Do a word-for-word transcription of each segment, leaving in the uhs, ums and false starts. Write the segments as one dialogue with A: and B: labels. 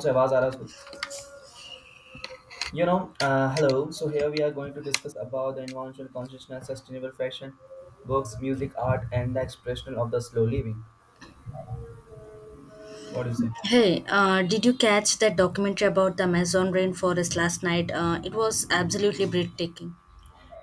A: से आवाज आ रहा है उसको you know uh, hello So here we are going to discuss about the environmental consciousness, sustainable fashion, books, music, art, and the expression of the slow living. What do you say?
B: Hey, uh, did you catch that documentary about the Amazon rainforest last night? Uh, it was absolutely breathtaking.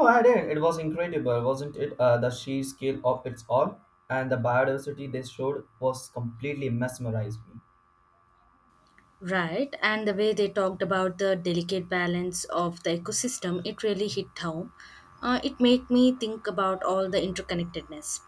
A: Oh, I did. It was incredible, wasn't it? Uh, the sheer scale of its all, and the biodiversity they showed was completely mesmerized me.
B: Right, and the way they talked about the delicate balance of the ecosystem, it really hit home. Uh, it made me think about all the interconnectedness.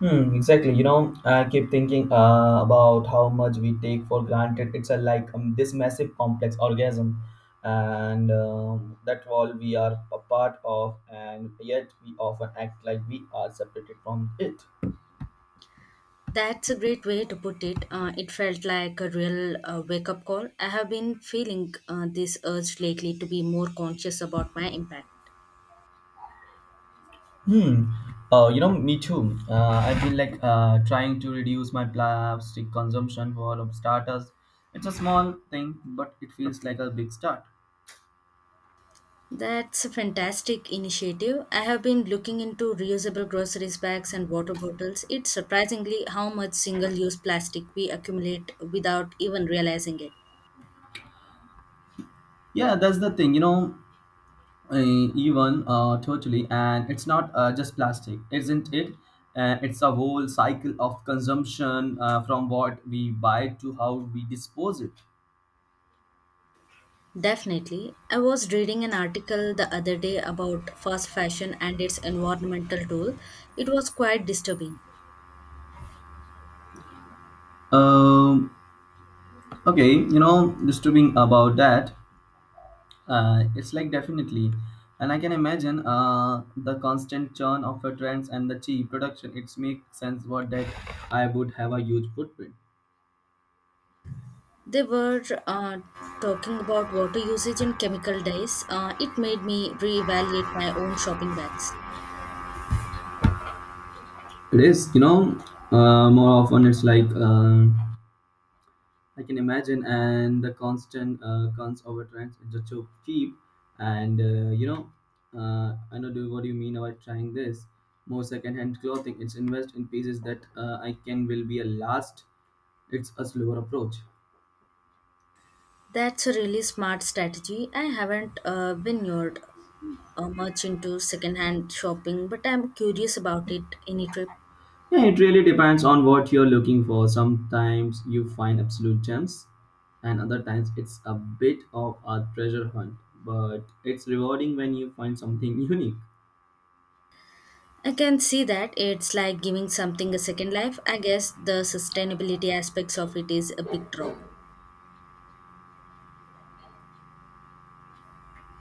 A: Hmm, exactly. You know, I keep thinking uh, about how much we take for granted. It's a, like, um, this massive complex organism, and um, that all we are a part of, and yet we often act like we are separated from it.
B: That's a great way to put it. Uh, it felt like a real uh, wake up call. I have been feeling uh, this urge lately to be more conscious about my impact.
A: Hmm. Uh, you know, me too. Uh, I feel like uh, trying to reduce my plastic consumption for um, starters. It's a small thing, but it feels like a big start.
B: That's a fantastic initiative. I have been looking into reusable groceries bags and water bottles. It's surprisingly how much single use plastic we accumulate without even realizing it.
A: Yeah, that's the thing. You know, uh, even uh, totally, and it's not uh, just plastic, isn't it? Uh, it's a whole cycle of consumption, uh, from what we buy to how we dispose it.
B: Definitely. I was reading an article the other day about fast fashion and its environmental toll. It was quite disturbing.
A: um, okay, you know disturbing about that. Uh, it's like, definitely, and I can imagine uh, the constant churn of the trends and the cheap production. It makes sense what that I would have a huge footprint.
B: They were uh, talking about water usage and chemical dyes. Uh, it made me reevaluate my own shopping bags.
A: It is, you know uh, more often it's like, um I can imagine, and the constant uh, cons over trends is just so cheap. And uh, you know, uh, I know do what do you mean about trying this more secondhand clothing. It's invest in pieces that uh, I can will be a last. It's a slower approach.
B: That's a really smart strategy. I haven't uh, been lured uh, much into secondhand shopping, but I'm curious about it any trip.
A: Yeah, it really depends on what you're looking for. Sometimes you find absolute gems, and other times it's a bit of a treasure hunt. But it's rewarding when you find something unique.
B: I can see that it's like giving something a second life. I guess the sustainability aspects of it is a big draw.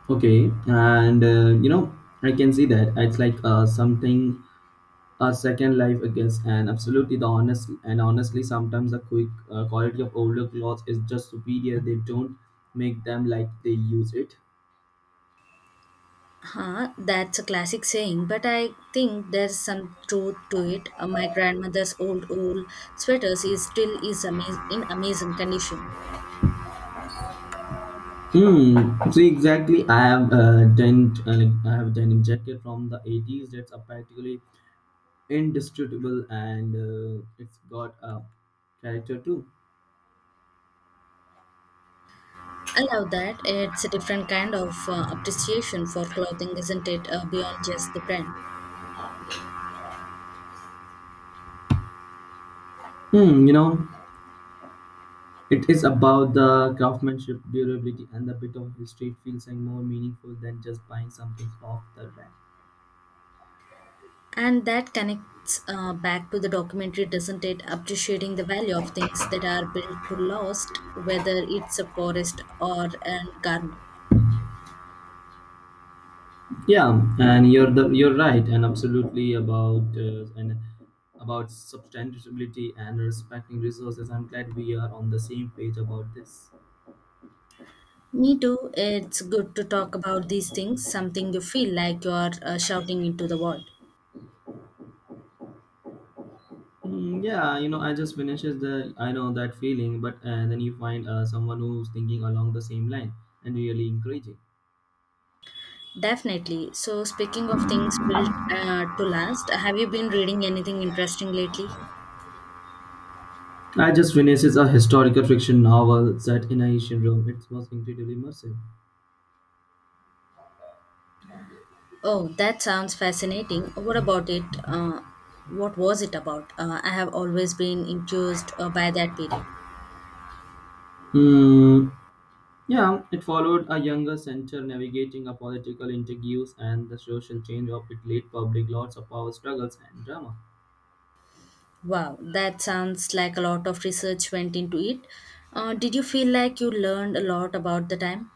A: Okay, and uh, you know, I can see that it's like uh, something a second life, I guess, and absolutely the honest and honestly, sometimes the quick uh, quality of older clothes is just superior. They don't make them like they use it.
B: Huh, that's a classic saying, but I think there's some truth to it. Uh, my grandmother's old wool sweaters is still is amaz- in amazing condition.
A: Hmm. See, exactly. I have uh, denim. Uh, I have denim jacket from the eighties that's a practically indestructible, and uh, it's got a character too.
B: I love that. It's a different kind of uh, appreciation for clothing, isn't it? Uh, beyond just the brand.
A: Hmm. You know. It is about the craftsmanship, durability, and the bit of history. It feels like more meaningful than just buying something off the rack.
B: And that connects uh, back to the documentary, doesn't it? Appreciating the value of things that are built to last, whether it's a forest or a garment.
A: Yeah, and you're the you're right, and absolutely about uh, and about sustainability and respecting resources. I'm glad we are on the same page about this.
B: Me too. It's good to talk about these things, something you feel like you're uh, shouting into the world.
A: Mm, yeah, you know, I just finishes the I know that feeling, but uh, then you find uh, someone who's thinking along the same line and really encouraging.
B: Definitely. So, speaking of things built uh, to last, have you been reading anything interesting lately?
A: I just finishes a historical fiction novel set in ancient Rome. It was incredibly immersive.
B: Oh, that sounds fascinating. What about it? Uh, what was it about? Uh, I have always been enthused uh, by that period.
A: Hmm. Yeah, it followed a younger center navigating a political interviews and the social change of it late public lots of power struggles and drama.
B: Wow, that sounds like a lot of research went into it. Uh, did you feel like you learned a lot about the time?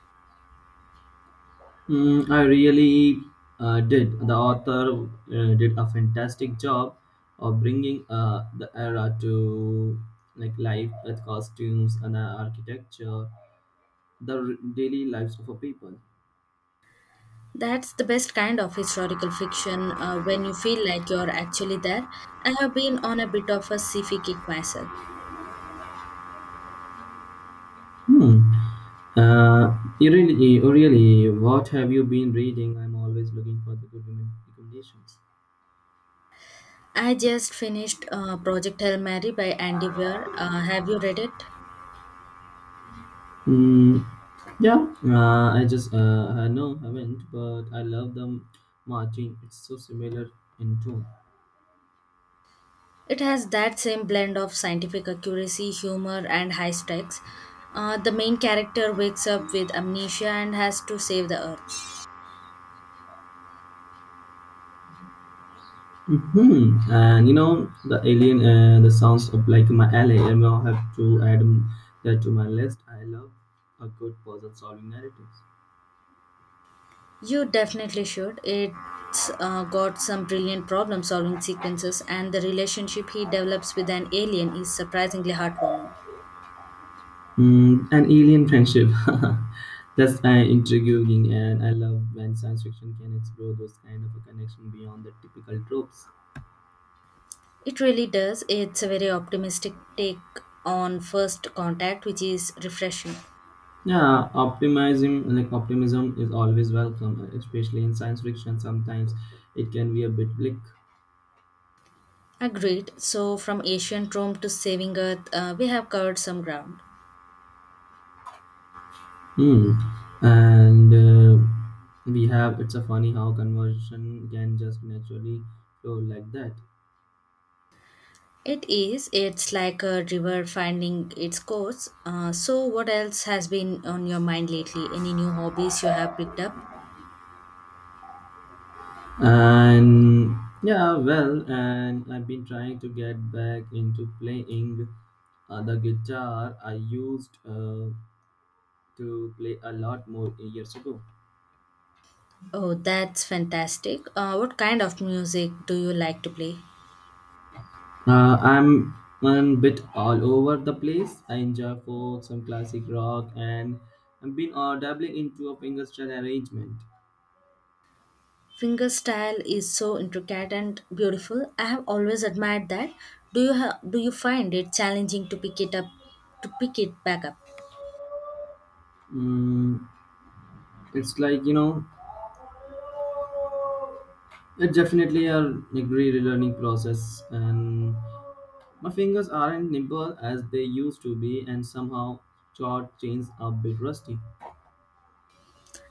A: Hmm. I really uh, did. The author uh, did a fantastic job of bringing uh, the era to like life with costumes and uh, architecture, the r- daily lives of a people.
B: That's the best kind of historical fiction uh, when you feel like you're actually there. I have been on a bit of a sci-fi kick myself.
A: Hmm. Uh, you really, oh really, what have you been reading? I'm always looking for the good women recommendations.
B: I just finished uh, Project Hail Mary by Andy Weir. Uh, have you read it?
A: Hmm. Yeah, uh, I just uh, I know haven't, but I love the Martin. It's so similar in tone.
B: It has that same blend of scientific accuracy, humor, and high stakes. Uh, the main character wakes up with amnesia and has to save the Earth.
A: hmm And you know the alien, uh, the sounds of like my alley. I will have to add um, that to my list. I love a good puzzle solving narrative.
B: You definitely should. It's uh, got some brilliant problem solving sequences, and the relationship he develops with an alien is surprisingly heartwarming.
A: Mm, an alien friendship. That's uh, intriguing, and I love when science fiction can explore those kind of a connection beyond the typical tropes.
B: It really does. It's a very optimistic take on first contact, which is refreshing.
A: Yeah, optimism, like, optimism is always welcome, especially in science fiction. Sometimes it can be a bit bleak.
B: Agreed. So, from ancient Rome to saving Earth, uh, we have covered some ground.
A: Hmm. And uh, we have It's a funny how conversation can just naturally flow like that.
B: It is. It's like a river finding its course. Uh, so, what else has been on your mind lately? Any new hobbies you have picked up?
A: And yeah, well, and I've been trying to get back into playing. Uh, the guitar I used uh, to play a lot more years ago.
B: Oh, that's fantastic. Uh, what kind of music do you like to play?
A: Uh, I'm a bit all over the place. I enjoy folk, some classic rock, and I've been uh, dabbling into a fingerstyle arrangement.
B: Fingerstyle is so intricate and beautiful. I have always admired that. Do you ha- do you find it challenging to pick it up to pick it back up?
A: Mm, it's like, you know, it's definitely, a like, relearning process, and my fingers aren't nimble as they used to be, and somehow chord chains are a bit rusty.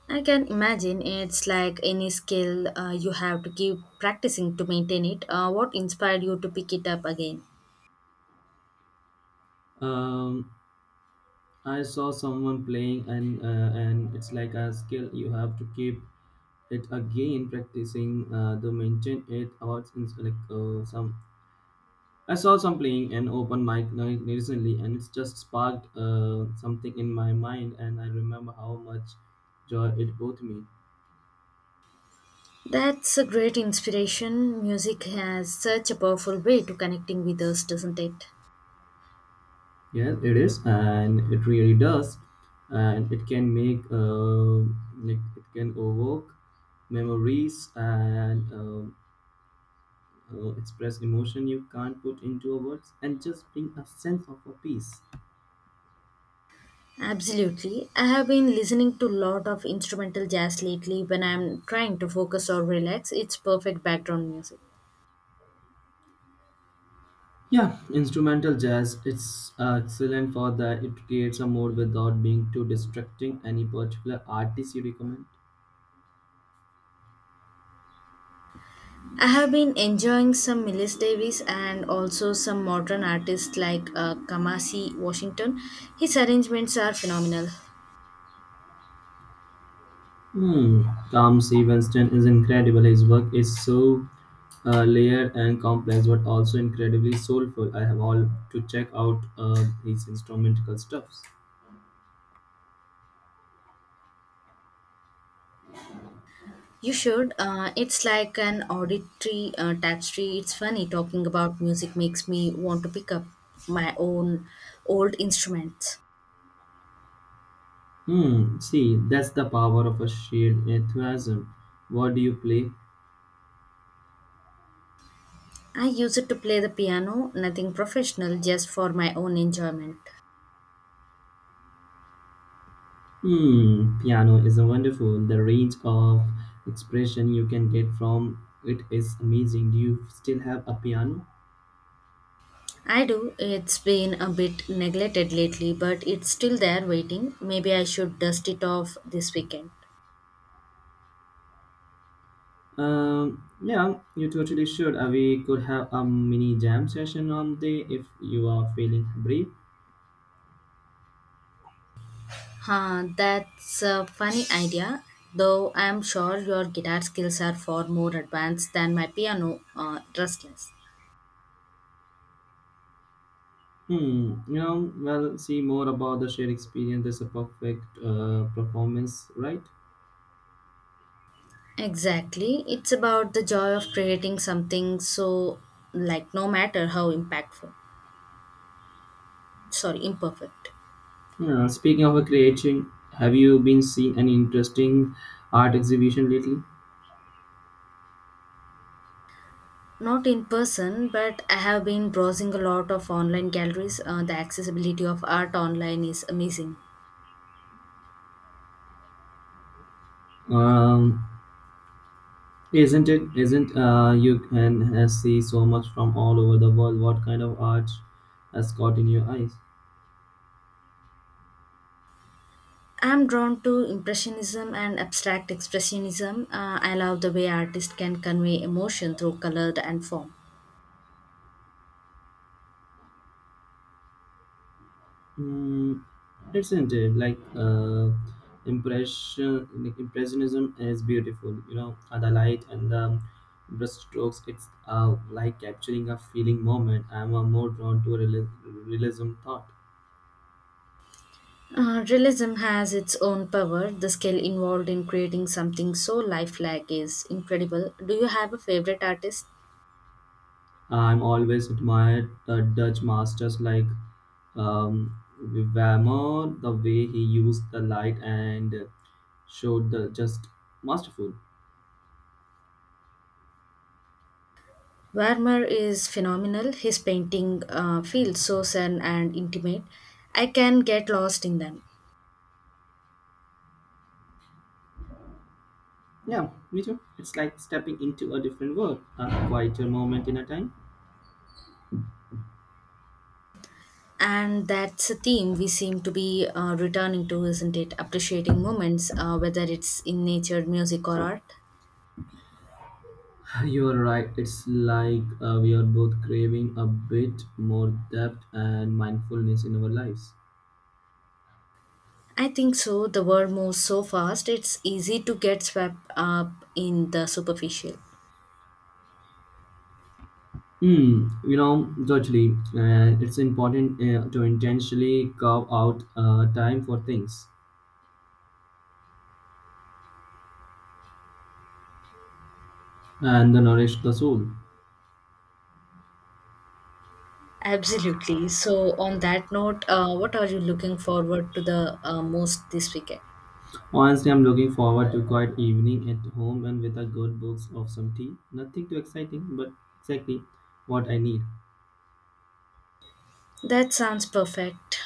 B: I can imagine it's like any skill uh, you have to keep practicing to maintain it. Uh, what inspired you to pick it up again?
A: Um, I saw someone playing, and uh, and it's like a skill you have to keep it again practicing uh, the maintain it, or it's it's like uh, some I saw some playing an open mic night recently, and it's just sparked uh, something in my mind, and I remember how much joy it brought me.
B: That's a great inspiration. Music has such a powerful way to connecting with us, doesn't it?
A: Yes, it is, and it really does, and it can make uh, like, it can evoke memories and um uh, express emotion you can't put into words, and just bring a sense of a peace.
B: Absolutely. I have been listening to a lot of instrumental jazz lately when I'm trying to focus or relax. It's perfect background music.
A: Yeah, instrumental jazz, it's uh, excellent for that. It creates a mood without being too distracting. Any particular artist you recommend?
B: I have been enjoying some Miles Davis and also some modern artists like uh, Kamasi Washington. His arrangements are phenomenal.
A: Hmm tom C Winston is incredible. His work is so uh, layered and complex, but also incredibly soulful. I have all to check out uh, his instrumental stuffs.
B: You should. Uh, it's like an auditory uh, tapestry. It's funny talking about music makes me want to pick up my own old instruments.
A: Hmm see that's the power of a shared enthusiasm. What do you play?
B: I use it to play the piano, nothing professional, just for my own enjoyment.
A: Hmm, piano is a wonderful. The range of expression you can get from it is amazing. Do you still have a piano?
B: I do. It's been a bit neglected lately, but it's still there waiting. Maybe I should dust it off this weekend.
A: Um, yeah, you totally should. Uh, we could have a mini jam session on day if you are feeling brave.
B: Huh, that's a funny idea. Though I'm sure your guitar skills are far more advanced than my piano uh, rustless.
A: Hmm, you know, well, see more about the shared experience. There's a perfect uh, performance, right?
B: Exactly. It's about the joy of creating something so like no matter how impactful, sorry, imperfect.
A: Yeah, speaking of a creation, have you been seeing any interesting art exhibition lately?
B: Not in person, but I have been browsing a lot of online galleries. Uh, the accessibility of art online is amazing.
A: Um, Isn't it? Isn't uh, You can uh, see so much from all over the world. What kind of art has caught in your eyes?
B: I'm drawn to impressionism and abstract expressionism. Uh, I love the way artists can convey emotion through color and form.
A: Mm, isn't it like, uh, impression? Like, impressionism is beautiful. You know, uh, the light and the brushstrokes. It's uh, like capturing a feeling moment. I'm uh, more drawn to reali- realism thought.
B: Uh, realism has its own power. The skill involved in creating something so lifelike is incredible. Do you have a favorite artist?
A: I'm always admired the Dutch masters like, um, Vermeer, the way he used the light and showed the just masterful.
B: Vermeer is phenomenal. His painting uh, feels so sudden and intimate. I can get lost in them.
A: Yeah, me too. It's like stepping into a different world, a quieter moment in a time.
B: And that's a theme we seem to be uh, returning to, isn't it? Appreciating moments, uh, whether it's in nature, music, or art.
A: You're right. It's like uh, we are both craving a bit more depth and mindfulness in our lives.
B: I think so. The world moves so fast, it's easy to get swept up in the superficial.
A: Hmm. You know, totally. And it's important uh, to intentionally carve out uh, time for things and the nourish the soul.
B: Absolutely. So, on that note, uh, what are you looking forward to the uh, most this weekend?
A: Honestly, I'm looking forward to quiet evening at home and with a good books of some tea. Nothing too exciting, but exactly what I need.
B: That sounds perfect.